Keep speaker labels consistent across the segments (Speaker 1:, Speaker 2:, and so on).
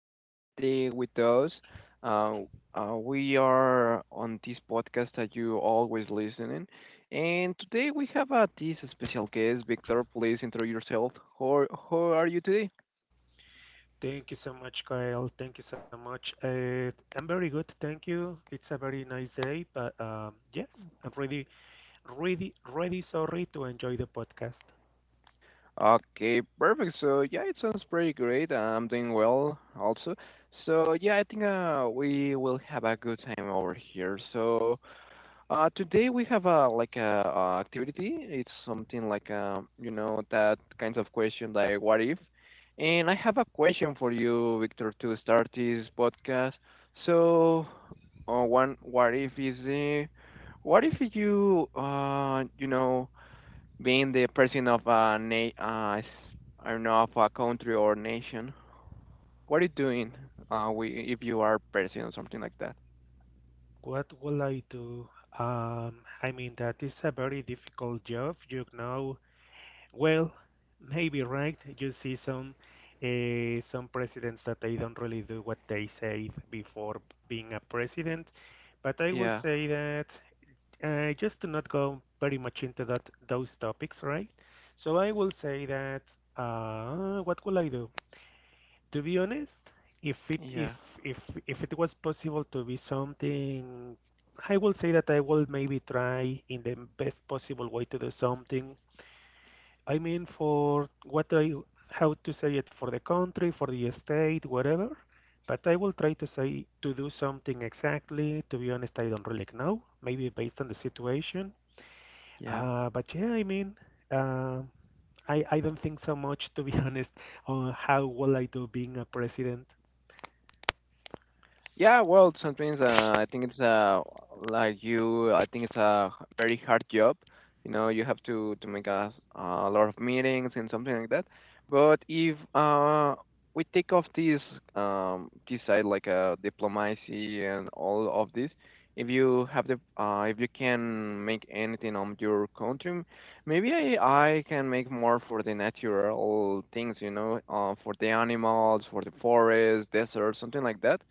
Speaker 1: be another day with us. Uh, we are on this podcast that you always listening, and today we have this special guest, Victor. Please intro yourself. How are you today?
Speaker 2: Thank you so much, Kyle. Thank you so much. I'm very good, thank you. It's a very nice day, but yes, I'm really, really, really sorry to enjoy the podcast.
Speaker 1: Okay, perfect. So yeah, it sounds pretty great. I'm doing well also. So yeah, I think we will have a good time over here. So. Today we have a like a, activity. It's something like you know that kinds of question like what if. And I have a question for you, Victor, to start this podcast. So, one what if is what if you you know being the president of a I don't know of a country or nation. What are you doing? We if you are president or something like that.
Speaker 2: What will I do? I mean, that is a very difficult job, you know. Well, maybe right. You see some presidents that they don't really do what they said before being a president, but I will
Speaker 1: Yeah,
Speaker 2: say that. Just to not go very much into that those topics, right? So I will say that what will I do? To be honest, if it
Speaker 1: yeah,
Speaker 2: if if if it was possible to be something, I will say that I will maybe try in the best possible way to do something. I mean, for what I how to say it for the country, for the state, whatever. But I will try to say to do something exactly. To be honest, I don't really know. Maybe based on the situation.
Speaker 1: yeah.
Speaker 2: But yeah, I mean, uh, I don't think so much, to be honest, on how will I do being a president.
Speaker 1: Yeah, well, sometimes I think it's like you. I think it's a very hard job. You know, you have to make a lot of meetings and something like that. But if we take off this this side like diplomacy and all of this, if you have the if you can make anything on your country, maybe I can make more for the natural things. You know, for the animals, for the forest, desert, something like that.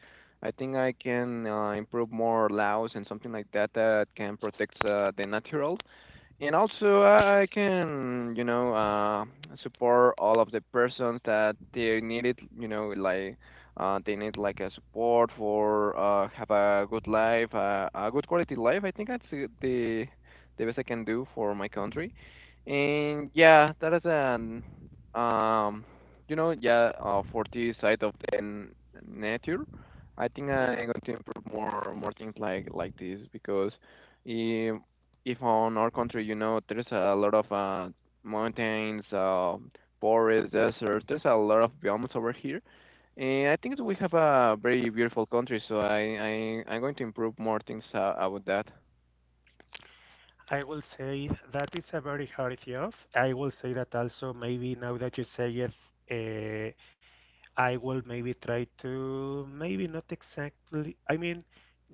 Speaker 1: I think I can improve more laws and something like that that can protect the natural, and also I can support all of the persons that they need it, you know, like they need like a support for have a good life, a good quality life. I think that's the best I can do for my country, and yeah, that is an um for the side of the nature. I think I'm going to improve more things like this because. eh, if on our country, you know, there's a lot of mountains, forests, deserts. There's a lot of biomes over here, and I think that we have a very beautiful country. So I'm going to improve more things about that.
Speaker 2: I will say that it's a very hard job. I will say that also maybe now that you say it, uh, I will maybe try to maybe not exactly. I mean,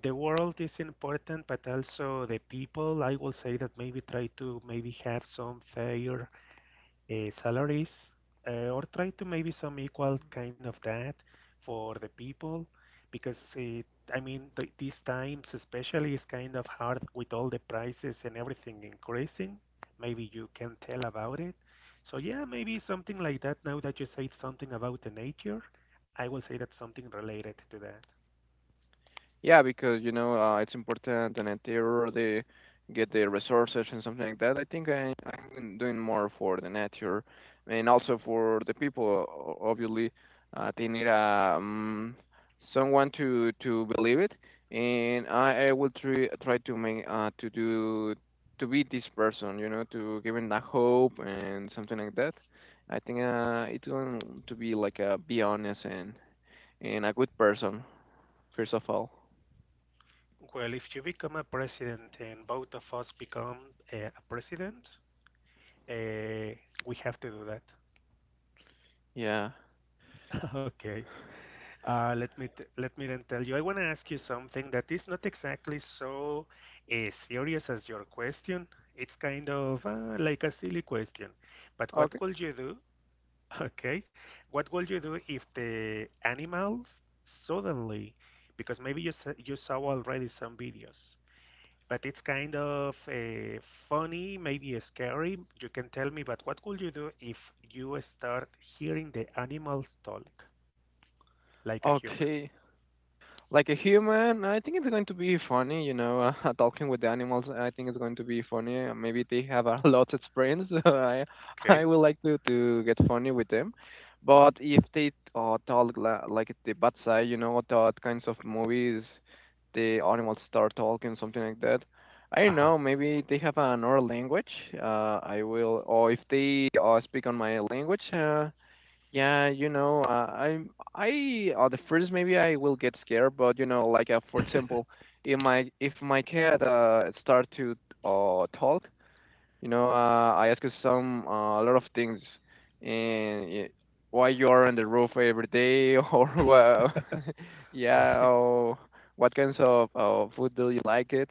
Speaker 2: the world is important, but also the people. I will say that maybe try to maybe have some fair salaries or try to maybe some equal kind of that for the people because I mean th these times especially is kind of hard with all the prices and everything increasing. Maybe you can tell about it. So yeah, maybe something like that. Now that you said something about the nature, I will say that something related to that.
Speaker 1: Yeah, because you know it's important and they already get the resources and something like that. I think I'm doing more for the nature and also for the people. Obviously, they need someone to believe it, and I will try to make to do to be this person. You know, to give them that hope and something like that. I think it's going to be like a be honest and a good person first of all.
Speaker 2: Well, if you become a president and both of us become a president, uh, we have to do that.
Speaker 1: Yeah.
Speaker 2: Okay. Let me t let me then tell you. I want to ask you something that is not exactly so serious as your question. It's kind of like a silly question. But what
Speaker 1: Okay.
Speaker 2: would you do? Okay, what would you do if the animals suddenly, because maybe you saw already some videos, but it's kind of funny, maybe scary. You can tell me. But what would you do if you start hearing the animals talk like a human?
Speaker 1: Okay. Like a human, I think it's going to be funny, you know, talking with the animals. I think it's going to be funny. Maybe they have a lot of brains. So I
Speaker 2: Okay.
Speaker 1: would like to get funny with them. But if they talk like the bad side, you know, that kinds of movies, the animals start talking, something like that. I don't
Speaker 2: Uh-huh,
Speaker 1: know. Maybe they have another language. I will, or if they speak on my language. Yeah, you know, I'm I at the first maybe I will get scared, but you know, like for example, if my cat start to talk, you know, I ask her some a lot of things, and why you are on the roof every day, or yeah,
Speaker 2: right.
Speaker 1: or what kinds of food do you like it?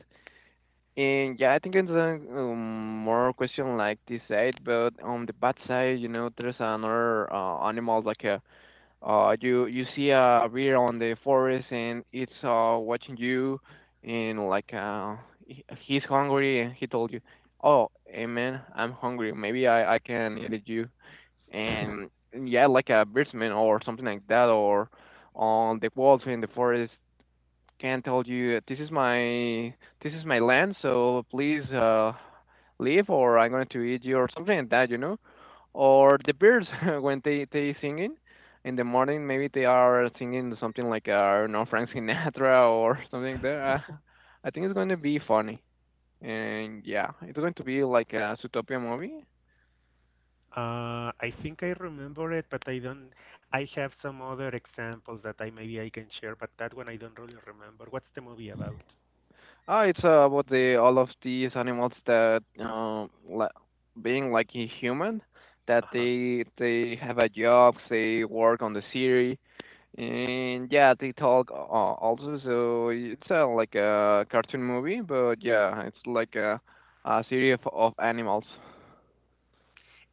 Speaker 1: And yeah, I think it's a more question like this side, but on the bad side, you know, there's another animal like a you you see a bear on the forest and it's watching you and like he's hungry and he told you, "Oh, hey man, I'm hungry. Maybe I can eat you." And yeah, like a birdsman or something like that, or on the walls in the forest can tell you, this is my land, so please." Leave or I'm going to eat you or something like that, you know. Or the birds when they singing in the morning, maybe they are singing something like I don't know, Frank Sinatra or something like that. I think it's going to be funny, and yeah, it's going to be like a Zootopia movie.
Speaker 2: I think I remember it, but I don't. I have some other examples that I maybe I can share, but that one I don't really remember. What's the movie about?
Speaker 1: Ah, it's about the all of these animals that li being like a human that
Speaker 2: Uh-huh.
Speaker 1: they have a job, they work on the city, and yeah, they talk also. So it's like a cartoon movie, but yeah, it's like a series of animals.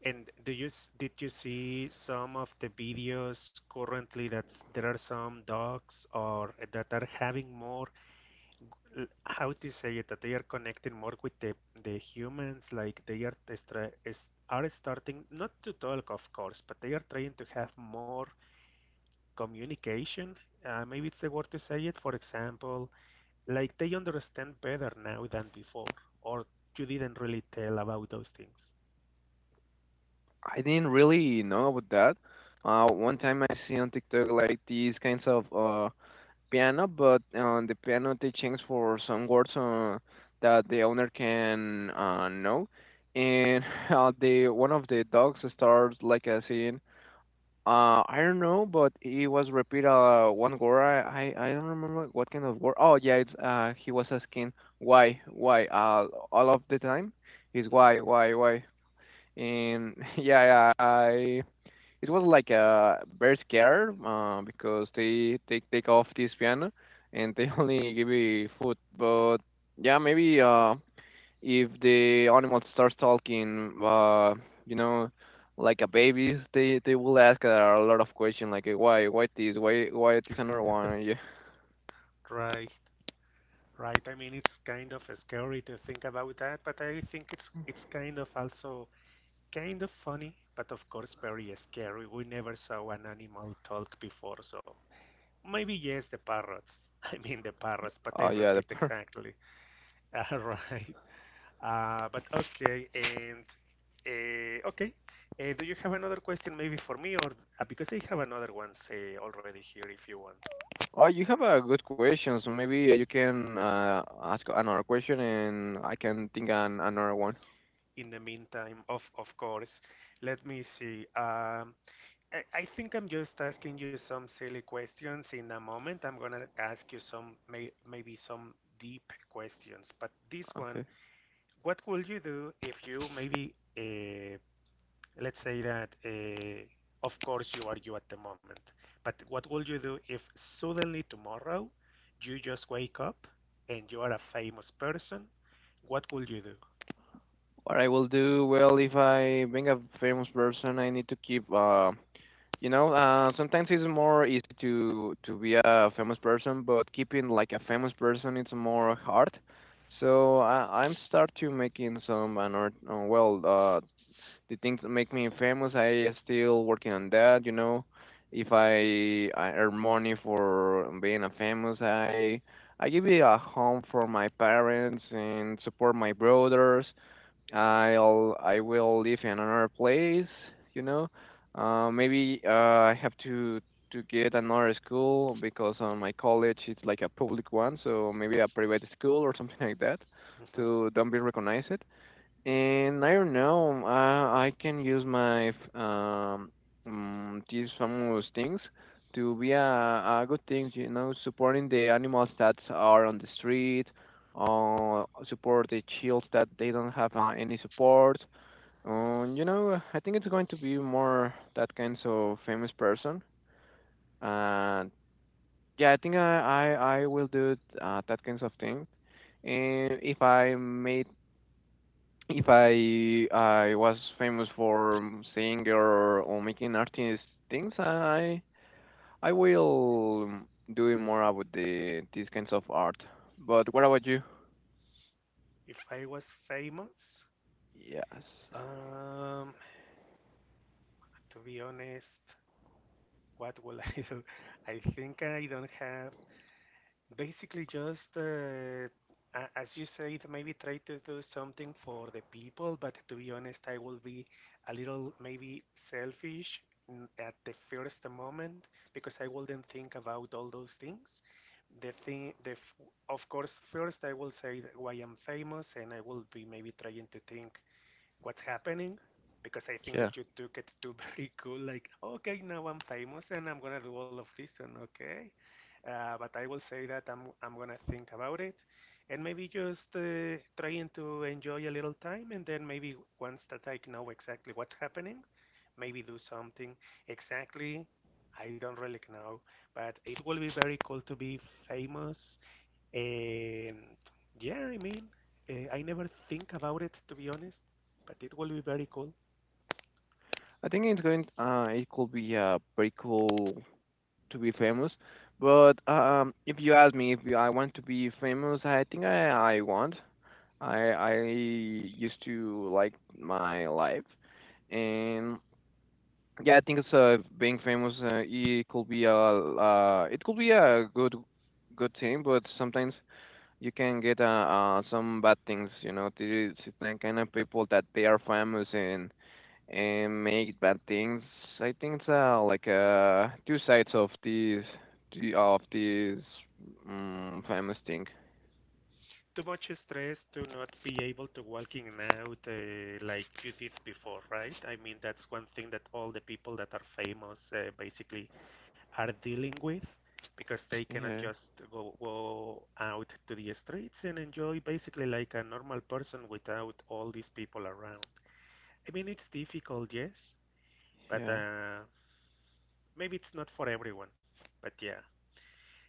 Speaker 2: And do did you see some of the videos currently that's there are some dogs or that are having more how to say it that they are connecting more with the humans like they are starting not to talk of course, but they are trying to have more communication. Maybe it's the word to say it. For example, like they understand better now than before, or you didn't really tell about those things.
Speaker 1: I didn't really know about that. One time I see on TikTok like these kinds of piano, but on the piano they change for some words that the owner can know. And the one of the dogs starts like saying, I don't know, but it was repeat one word. I don't remember what kind of word. Oh yeah, it's he was asking why all of the time. He's
Speaker 2: Mm,
Speaker 1: why why. And yeah, yeah, I it was like a very scare because they take off this piano and they only give you food. But yeah, maybe if the animal starts talking, you know, like a baby, they will ask a lot of questions like why this another one, yeah.
Speaker 2: right, right. I mean, it's kind of scary to think about that, but I think it's kind of also kind of funny, but of course very scary. We never saw an animal talk before, so maybe yes, the parrots. I mean the parrots, but
Speaker 1: uh,
Speaker 2: they
Speaker 1: yeah the
Speaker 2: repeat
Speaker 1: per-
Speaker 2: exactly. Right. But okay, and okay. Do you have another question maybe for me, or because I have another one say already here if you want.
Speaker 1: oh, you have a good question, so maybe you can ask another question and I can think an another one.
Speaker 2: In the meantime, of course, let me see. I think I'm just asking you some silly questions. In a moment, I'm gonna ask you some maybe some deep questions. But this one,
Speaker 1: Okay.
Speaker 2: what would you do if you maybe let's say that of course you are you at the moment but what will you do if suddenly tomorrow you just wake up and you are a famous person? What will you do?
Speaker 1: What I will do, well, if I being a famous person, I need to keep, you know, sometimes it's more easy to be a famous person, but keeping like a famous person, it's more hard. So I'm start to making some an art, the things that make me famous. I still working on that, you know. If I earn money for being a famous, I give it a home for my parents and support my brothers. I will live in another place, you know. Maybe I have to get another school because on my college it's like a public one, so maybe a private school or something like that
Speaker 2: Mhm.
Speaker 1: to don't be recognized. And I don't know. I can use my these famous things to be a good thing. You know, supporting the animals that are on the street, or support the childs that they don't have any support. You know, I think it's going to be more that kind of famous person. And yeah, I think I will do that kinds of things, and if I made if I was famous for singing or making artist things, I will do more about the these kinds of art. But what about you?
Speaker 2: If I was famous,
Speaker 1: Yes,
Speaker 2: um to be honest, what will I do? I think I don't have. Basically, just as you said, maybe try to do something for the people, but to be honest, I will be a little maybe selfish at the first moment because I wouldn't think about all those things. The thing, the f- Of course, first I will say that why I'm famous, and I will be maybe trying to think what's happening because I think
Speaker 1: yeah.
Speaker 2: that you took it to very cool, like, okay, now I'm famous and I'm gonna do all of this, and okay. But I will say that I'm gonna think about it and maybe just trying to enjoy a little time, and then maybe once that I know exactly what's happening, maybe do something exactly. I don't really know, but it will be very cool to be famous. um, yeah, I mean, I never think about it to be honest, but it will be very cool.
Speaker 1: I think it's going. It could be pretty cool to be famous. But if you ask me if I want to be famous, I think I want. I used to like my life, and yeah, I think it's being famous. It could be a it could be a good good thing, but sometimes you can get some bad things. You know, these kind of people that they are famous and make bad things. I think it's like two sides of of this famous thing.
Speaker 2: Too much stress to not be able to walking out like you did before, right? I mean, that's one thing that all the people that are famous basically are dealing with because they cannot
Speaker 1: Yeah,
Speaker 2: just go out to the streets and enjoy basically like a normal person without all these people around. I mean, it's difficult, yes, but
Speaker 1: yeah.
Speaker 2: maybe it's not for everyone, but yeah.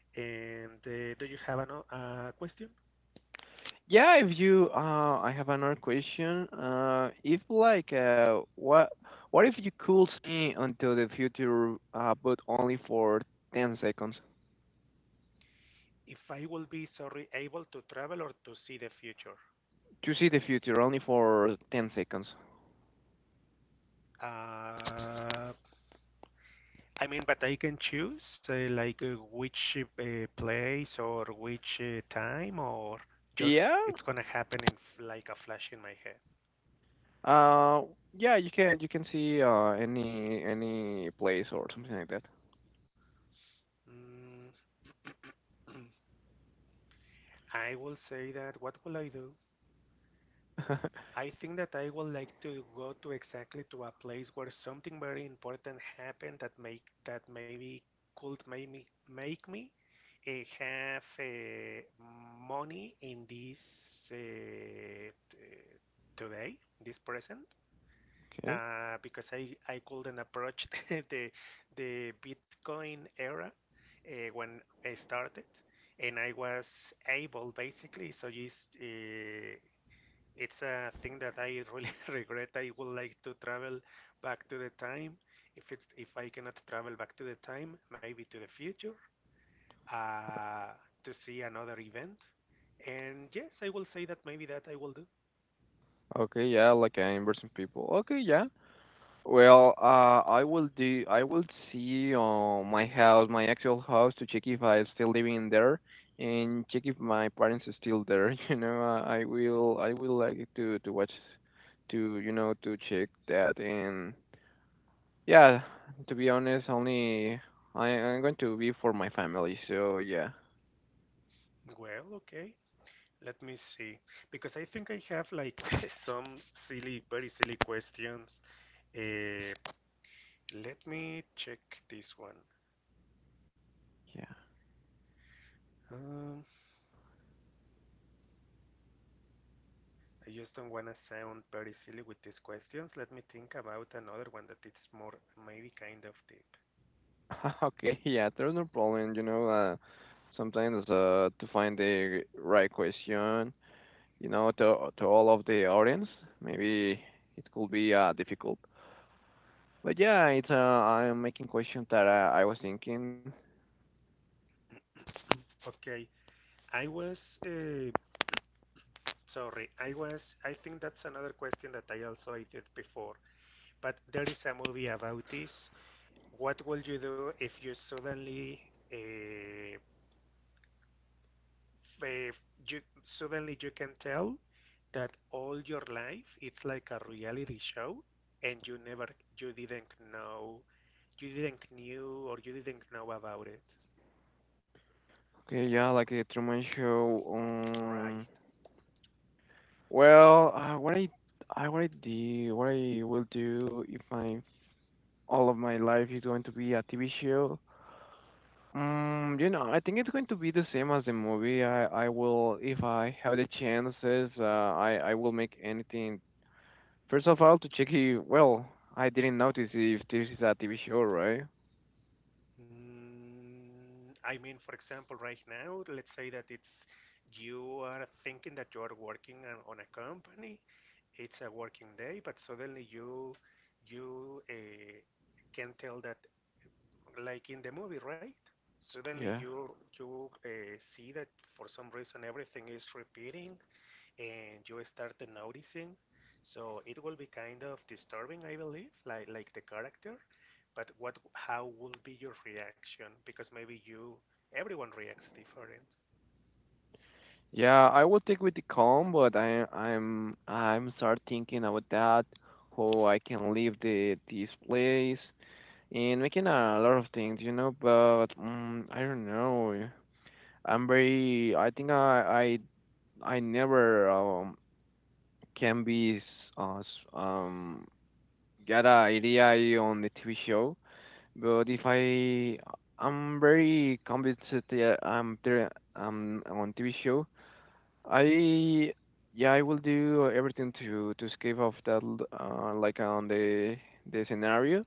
Speaker 2: And do you have a question?
Speaker 1: Yeah, if you, I have another question. If like, what if you could see until the future, but only for 10 seconds?
Speaker 2: If I will be sorry able to travel or to see the future?
Speaker 1: To see the future only for 10 seconds.
Speaker 2: Uh, I mean, but I can choose like which place or which time or just
Speaker 1: Yeah.
Speaker 2: it's gonna happen in like a flash in my head.
Speaker 1: Uh, yeah, you can see, any place or something like that.
Speaker 2: Mm. I will say that what will I do? I think that I would like to go to exactly to a place where something very important happened that make that maybe could make me uh, have money in this today, this present,
Speaker 1: Okay.
Speaker 2: because I couldn't approach the Bitcoin era when I started, and I was able basically. So it's a thing that I really regret. I would like to travel back to the time. If I cannot travel back to the time, maybe to the future, uh, to see another event. And yes, I will say that maybe that I will do.
Speaker 1: Okay, yeah, like in person people. Okay, yeah. Well, I will do. I will see my house, my actual house, to check if I'm still living there, and check if my parents are still there. You know, I will.
Speaker 2: Mhm.
Speaker 1: I will like to watch, to you know, to check that. And yeah, to be honest, only I'm going to be for my family. So yeah,
Speaker 2: Well, okay. Let me see. Because I think I have like some silly, very silly questions. Eh, let me check this one.
Speaker 1: yeah.
Speaker 2: Um, I just don't want to sound very silly with these questions. Let me think about another one that it's more maybe kind of deep.
Speaker 1: Okay, yeah. There's no problem. You know, sometimes to find the right question, you know, to all of the audience. Maybe it could be difficult. But yeah, it's I'm making questions that I was thinking.
Speaker 2: Okay, I was sorry. I was. I think that's another question that I also I did before. But there is a movie about this. What would you do if you suddenly uh, uh, you suddenly you can tell that all your life it's like a reality show and you never you didn't know you didn't knew or you didn't know about it,
Speaker 1: Okay, yeah, like the Truman Show.
Speaker 2: right?
Speaker 1: Well, what I what I do, what I will do if I all of my life is going to be a TV show. You know, I think it's going to be the same as the movie. I will if I have the chances. I will make anything. First of all, to check if, well, I didn't notice if this is a TV show, right?
Speaker 2: Mm, I mean for example right now let's say that it's you are thinking that you are working on a company, it's a working day but suddenly you can tell that like in the movie, right? Suddenly
Speaker 1: Yeah.
Speaker 2: you you see that for some reason everything is repeating, and you start noticing. So it will be kind of disturbing, I believe, like the character. But what how will be your reaction? Because maybe you everyone reacts different.
Speaker 1: Yeah, I will take with the calm, but I'm start thinking about that, how I can leave the this place and making a lot of things, you know, but I don't know. I'm very I think I never can be s- s- um get a idea on the TV show. But if I, I'm very convinced that yeah, I'm there, I'm on TV show. I, yeah, I will do everything to escape of that, like on the scenario,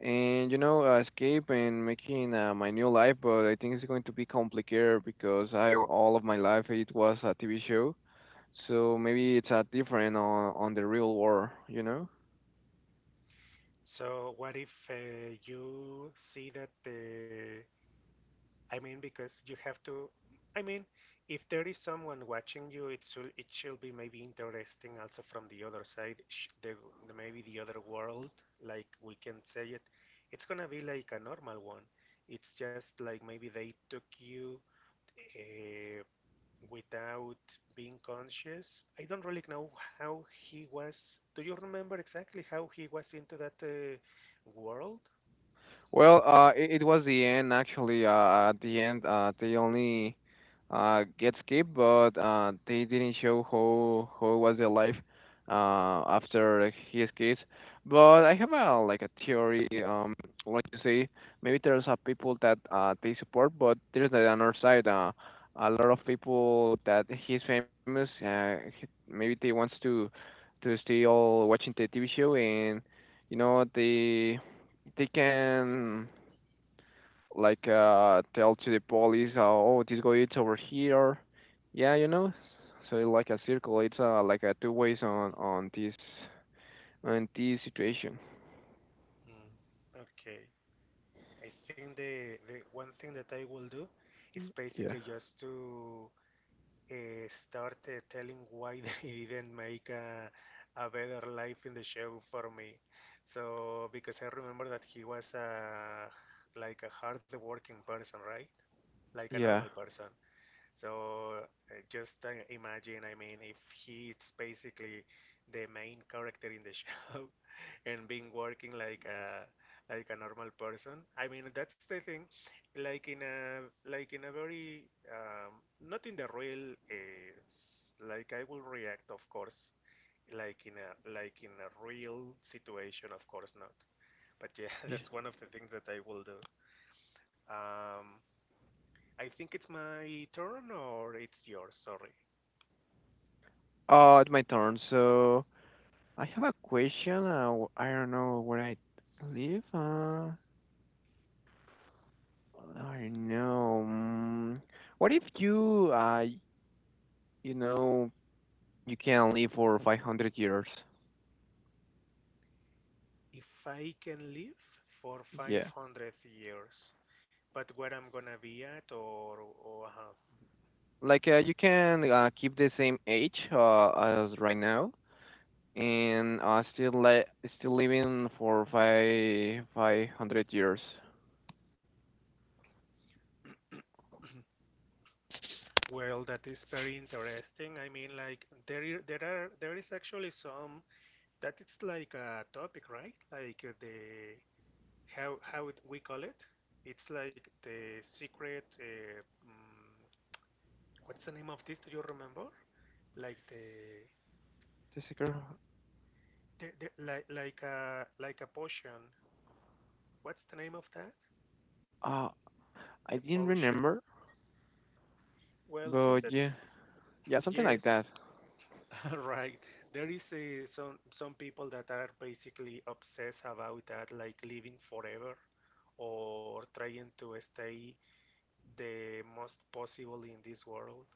Speaker 1: and you know, escape and making my new life. But I think it's going to be complicated because I all of my life it was a TV show, so maybe it's different on the real world, you know.
Speaker 2: So what if you see that the I mean, because you have to. I mean, if there is someone watching you, it should be maybe interesting also from the other side, the, the maybe the other world, like we can say it. It's gonna be like a normal one. It's just like maybe they took you uh, without being conscious. I don't really know how he was. Do you remember exactly how he was into that world?
Speaker 1: Well, it, it was the end actually. At the end, they only get skipped, but they didn't show how was their life after he escapes. But I have a like a theory. Like you say, maybe there's a people that they support, but there's the other side. A lot of people that he's famous. He, maybe they wants to stay all watching the TV show, and you know they can like tell to the police, oh, this guy is over here. Yeah, you know. So like a circle, it's like a two ways on this situation.
Speaker 2: Mm, okay. I think the one thing that I will do it's
Speaker 1: Yeah.
Speaker 2: basically just to start telling why they didn't make a better life in the show for me. So because I remember that he was a like a hard working person, right? Like a
Speaker 1: Yeah.
Speaker 2: normal person. So just imagine, I mean, if he's basically the main character in the show and being working like a normal person. I mean, that's the thing. Like in a like in a very um, not in the real like I will react, of course, like in a real situation, of course not. But yeah,
Speaker 1: Ye-
Speaker 2: that's one of the things that I will do. Um, I think it's my turn or it's yours, sorry.
Speaker 1: It's my turn. So I have a question. I don't know where I live. I don't know. What if you, you know, you can live for 500 years?
Speaker 2: If I can live for
Speaker 1: Yeah.
Speaker 2: 500 years, but where I'm gonna be at, or, or uh,
Speaker 1: Like you can keep the same age as right now, and still living for five hundred years.
Speaker 2: well, that is very interesting. I mean, like there, I- there are, there is actually some that it's like a topic, right? Like the how it, we call it. It's like the secret. What's the name of this? Do you remember? Like
Speaker 1: This
Speaker 2: the,
Speaker 1: girl,
Speaker 2: the, the like a potion. What's the name of that?
Speaker 1: uh, I
Speaker 2: The
Speaker 1: didn't
Speaker 2: potion.
Speaker 1: remember,
Speaker 2: Well,
Speaker 1: but
Speaker 2: seems that
Speaker 1: yeah, yeah, something like
Speaker 2: yes,
Speaker 1: that.
Speaker 2: right. There is some people that are basically obsessed about that, like living forever or trying to stay the most possible in this world.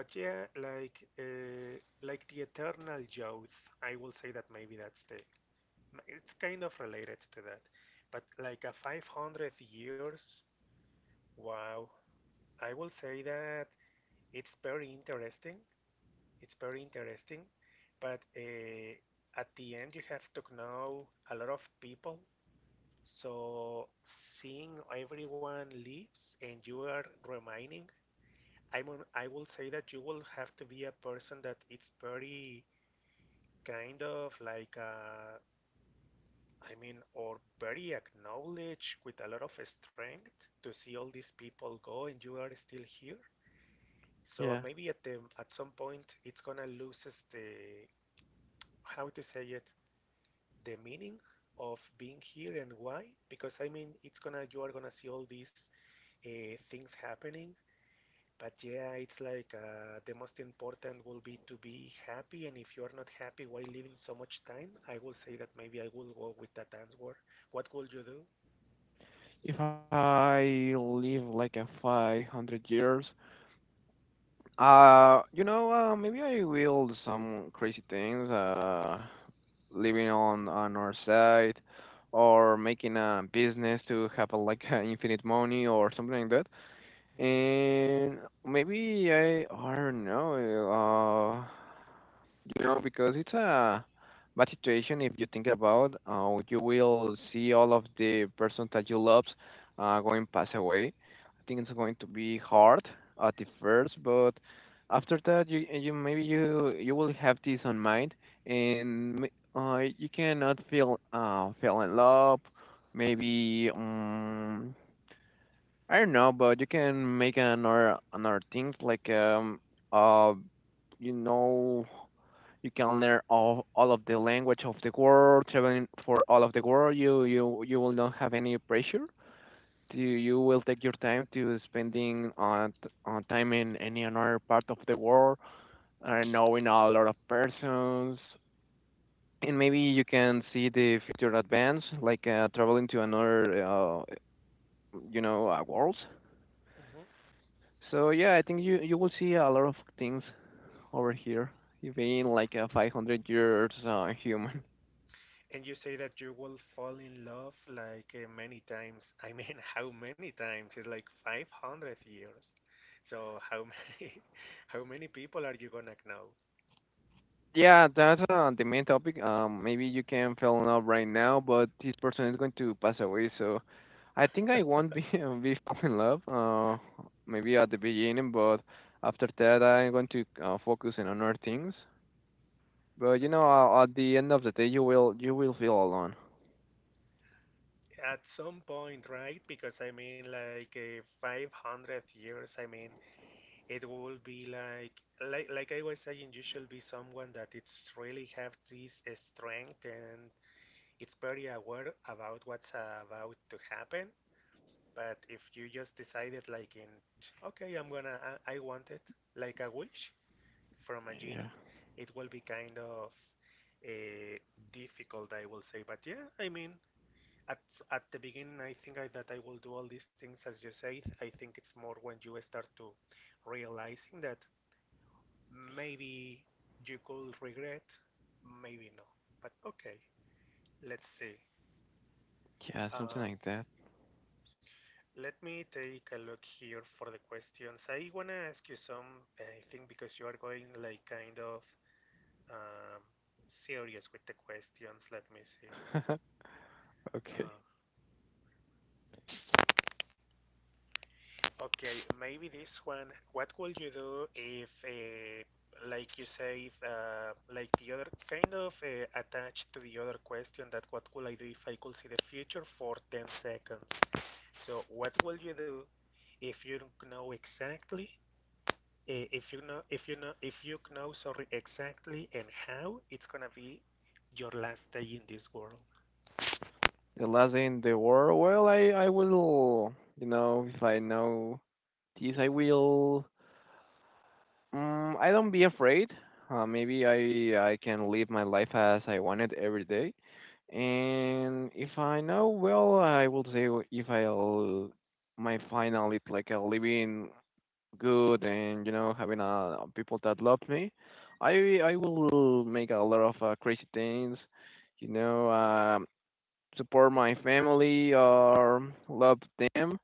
Speaker 2: But yeah, like the eternal youth, I will say that maybe that's the it's kind of related to that. But like a 500 years, wow. I will say that it's very interesting. It's very interesting, but at the end you have to know a lot of people. So seeing everyone leaves and you are remaining, I'm on, I will say that you will have to be a person that it's very kind of like I mean, or very acknowledged with a lot of strength to see all these people go and you are still here. So
Speaker 1: Yeah,
Speaker 2: maybe at the at some point it's gonna loses the how to say it, the meaning of being here and why, because I mean it's gonna, you are gonna see all these things happening. But yeah, it's like the most important will be to be happy, and if you are not happy while living so much time, I will say that maybe I will go with that answer. What will you do?
Speaker 1: if I live like a 500 years, you know, maybe I will do some crazy things. Living on our side, or making a business to have a, like a infinite money or something like that, and maybe I don't know, you know, because it's a bad situation if you think about you will see all of the person that you love going pass away. I think it's going to be hard at the first, but after that, you maybe you will have this on mind, and you cannot feel fell in love. Maybe I don't know, but you can make another things like uh you know you can learn all of the language of the world, traveling for all of the world. You will not have any pressure. You will take your time to spending on time in any another part of the world, knowing a lot of persons, and maybe you can see the future advance, like traveling to another world.
Speaker 2: Hmm.
Speaker 1: So yeah, I think you will see a lot of things over here, even like a 500 years human.
Speaker 2: And you say that you will fall in love like many times. I mean, how many times? It's like 500 years. So how many how many people are you gonna know?
Speaker 1: Yeah, that's the main topic. Maybe you can fall in love right now, but this person is going to pass away. So I think I won't be be fall in love. Maybe at the beginning, but after that, I'm going to focus on other things. But you know,
Speaker 2: Okay.
Speaker 1: at the end of the day, you will feel alone.
Speaker 2: At some point, right? Because I mean, like 500 years, I mean, it will be like I was saying, you should be someone that it's really have this strength and it's very aware about what's about to happen. But if you just decided, like, in, okay, I'm gonna, I want it, like a wish from a
Speaker 1: Yeah,
Speaker 2: genie, it will be kind of uh, difficult, I will say. But yeah, I mean, at at the beginning I think that I will do all these things as you said. I think it's more when you start to realizing that maybe you could regret, maybe no, but okay, let's see.
Speaker 1: yeah, something
Speaker 2: um,
Speaker 1: like that.
Speaker 2: Let me take a look here for the questions. I want to ask you some, I think, because you are going like kind of um, serious with the questions. Let me see. uh,
Speaker 1: Okay.
Speaker 2: Okay, maybe this one. What would you do if, like you said, like the other kind of attached to the other question, that what would I do if I could see the future for 10 seconds? So what will you do if you don't know exactly, if you know, if you know, sorry, exactly and how it's gonna be your last day in this world?
Speaker 1: The last day in the war. Well, I will. You know, if I know this, I will. I don't be afraid. Maybe I can live my life as I wanted every day. And if I know, well, I will say if I'll my final it like a living good, and you know having people that love me, I will make a lot of crazy things. You know, support my family or love them,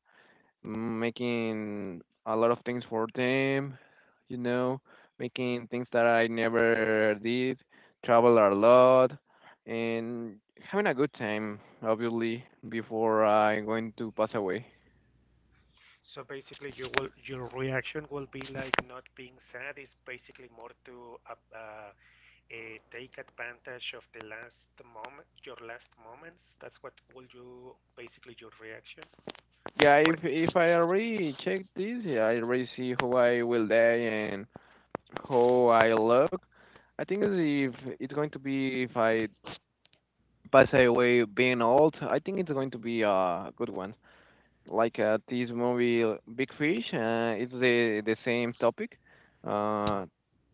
Speaker 1: making a lot of things for them, you know, making things that I never did, travel a lot, and having a good time, obviously, before I'm going to pass away.
Speaker 2: So basically, you will, your reaction will be like not being sad. It's basically more to eh, take advantage of the last moment, your last moments. That's what will you basically, your reaction
Speaker 1: Yeah,
Speaker 2: for
Speaker 1: if I already check this, yeah, I already see how I will die and how I look. I think if it's going to be if I pass away being old. I think it's going to be a good one. Like this movie, Big Fish. It's the same topic.
Speaker 2: uh.
Speaker 1: Uh,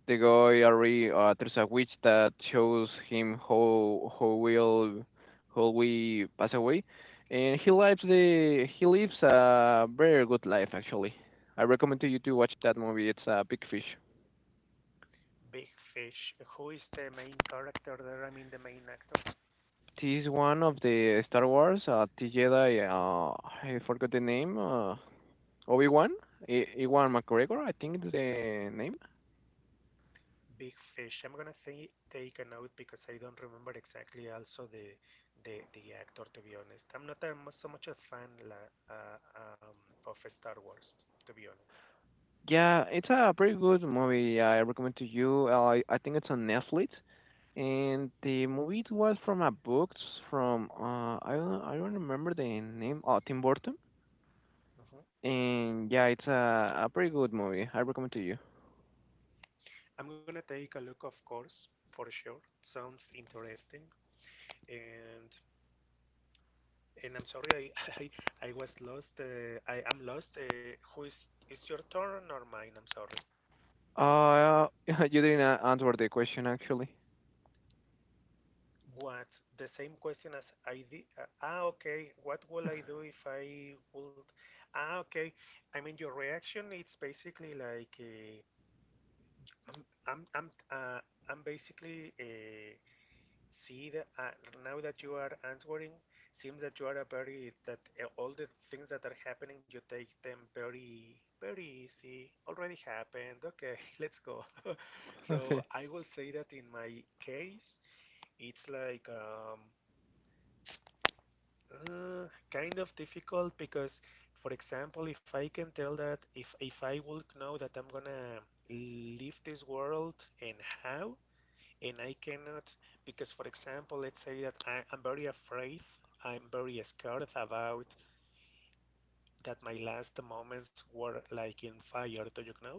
Speaker 1: the guy already there's a witch that shows him how we pass away, and he lives a very good life actually. I recommend to you to watch that movie. It's a Big Fish.
Speaker 2: Big Fish. Who is the main character there? I mean the main actor.
Speaker 1: This one of the Star Wars, the Jedi. I forgot the name. Obi-Wan, E- Ewan McGregor, I think is the name.
Speaker 2: Big Fish. I'm gonna th take a note because I don't remember exactly also the the actor, to be honest. I'm not a, so much a fan la, uh, um, of Star Wars, to be honest.
Speaker 1: Yeah, it's a pretty good movie. I recommend to you. I think it's on Netflix, and the movie it was from a book from I don't remember the name. Oh, Tim Burton.
Speaker 2: Uh-huh.
Speaker 1: And yeah, it's a pretty good movie. I recommend to you.
Speaker 2: I'm gonna take a look, of course, for sure. Sounds interesting, and and I'm sorry, I I was lost. I am lost. Who is your turn or mine? I'm sorry.
Speaker 1: You didn't answer the question actually.
Speaker 2: What? The same question as I did. Ah, okay. What will I do if I would? Ah, okay. I mean, your reaction. It's basically like I'm I'm I'm uh, I'm basically see, that now that you are answering, seems that you are a very, that all the things that are happening, you take them very, very easy. Already happened. Okay, let's go. So
Speaker 1: Okay.
Speaker 2: I will say that in my case, it's like kind of difficult because, for example, if I can tell that if I would know that I'm gonna leave this world and how, and I cannot, because, for example, let's say that I'm very afraid, I'm very scared about that my last moments were like in fire. Do you know?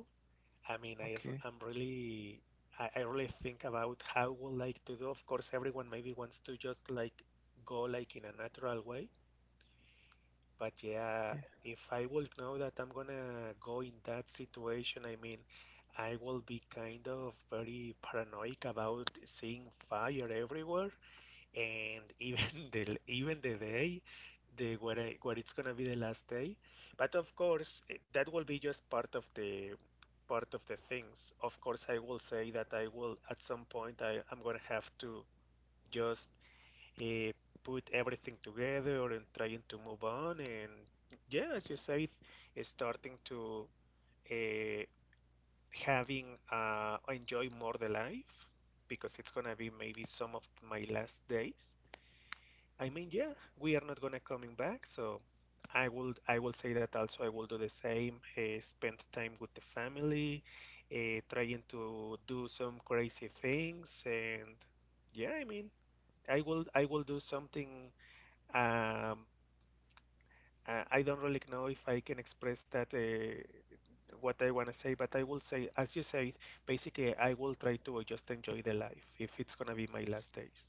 Speaker 2: I mean,
Speaker 1: Okay.
Speaker 2: i am really I really think about how I would like to do. Of course, everyone maybe wants to just like go like in a natural way. But
Speaker 1: Yeah.
Speaker 2: yeah, if I would know that I'm gonna go in that situation, I mean, I will be kind of very paranoid about seeing fire everywhere, and even the even the day, where it's gonna be the last day. But of course eh, that will be just part of the things. Of course I will say that I will, at some point I'm gonna have to just uh, put everything together and trying to move on, and yeah, as you say, eh, starting to uh, having uh, enjoy more the life, because it's gonna be maybe some of my last days. I mean, yeah, we are not gonna coming back, so I will say that also I will do the same. Spend time with the family, trying to do some crazy things, and yeah, I mean, I will do something. Um, I I don't really know if I can express that what I wanna say, but I will say, as you said, basically I will try to just enjoy the life if it's gonna be my last days.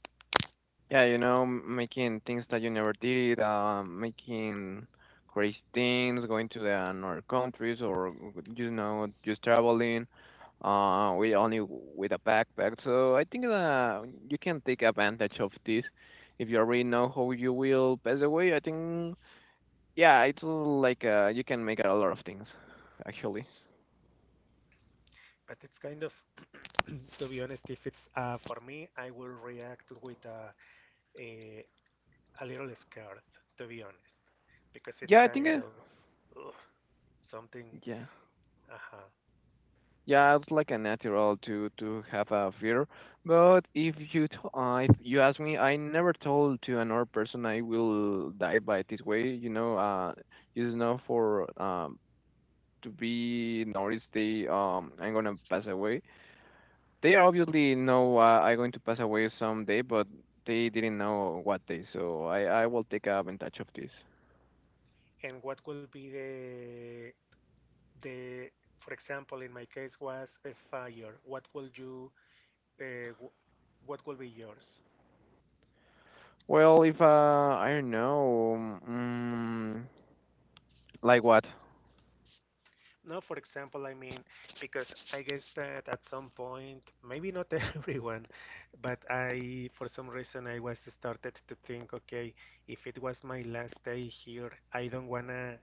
Speaker 1: Yeah, you know, making things that you never did, making crazy things, going to the another countries, or you know, just traveling, with only with a backpack. So I think that you can take advantage of this if you already know how you will pass away. I think, yeah, it's like you can make a lot of things, actually.
Speaker 2: But it's kind of to be honest, if it's for me I will react with a, a little scared, to be honest, because it's
Speaker 1: Yeah, I think,
Speaker 2: kind of ugh, something,
Speaker 1: yeah.
Speaker 2: uh-huh.
Speaker 1: Yeah, it's like a natural to have a fear. But if if you ask me, I never told to another person I will die by this way. You know, for to be noticed, they I'm gonna pass away. They obviously know I'm going to pass away someday, but they didn't know what day. So I will take advantage of this.
Speaker 2: And what will be the the for example in my case was a fire, what will you uh, w- what will be yours?
Speaker 1: Well, if I don't know, mm, like what?
Speaker 2: No, for example, I mean, because I guess that at some point, maybe not everyone, but I, for some reason, I was started to think, okay, if it was my last day here, I don't wanna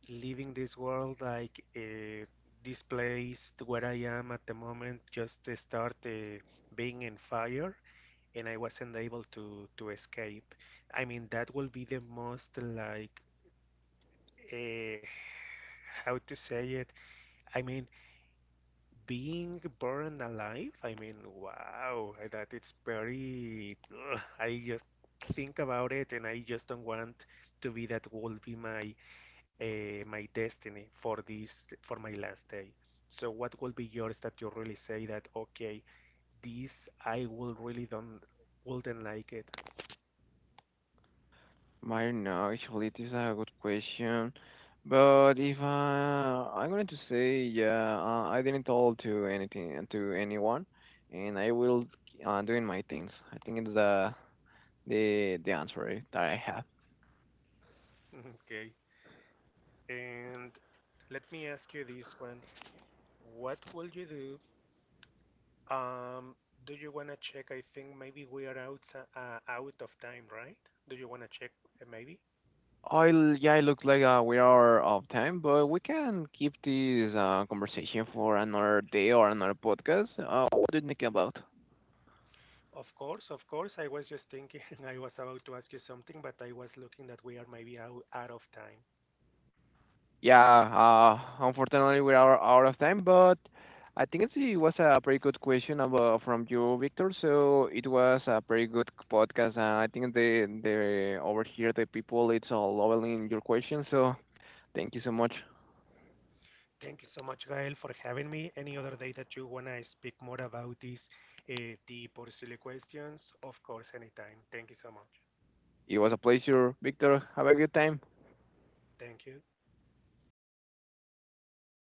Speaker 2: live in this world like this place where I am at the moment, just start being in fire, and I wasn't able to escape. I mean, that will be the most like, uh, how to say it? I mean, being burned alive, I mean, wow, that it's very. Ugh, I just think about it, and I just don't want to be, that will be my my destiny for this, for my last day. So, what will be yours that you really say that okay, this I will really don't wouldn't like it.
Speaker 1: I don't know. Actually, this is a good question. But if I'm going to say, yeah, I didn't tell to anything to anyone, and I will doing my things. I think it's the answer that I have.
Speaker 2: Okay, and let me ask you this one: what will you do? Um, do you wanna check? I think maybe we are out out of time, right? Do you wanna check maybe?
Speaker 1: Yeah, it looks like we are off time, but we can keep this conversation for another day or another podcast. What do you think about?
Speaker 2: Of course, of course. I was just thinking I was about to ask you something, but I was looking that we are maybe out, out of time.
Speaker 1: Yeah, unfortunately, we are out of time, but I think it's, it was a pretty good question about, from you, Victor. So it was a pretty good podcast, and I think the over here the people it's all loving your question. So thank you so much.
Speaker 2: Thank you so much, Gael, for having me. Any other day that you wanna speak more about these uh, deep or silly questions, of course, anytime. Thank you so much.
Speaker 1: It was a pleasure, Victor. Have a good time.
Speaker 2: Thank you.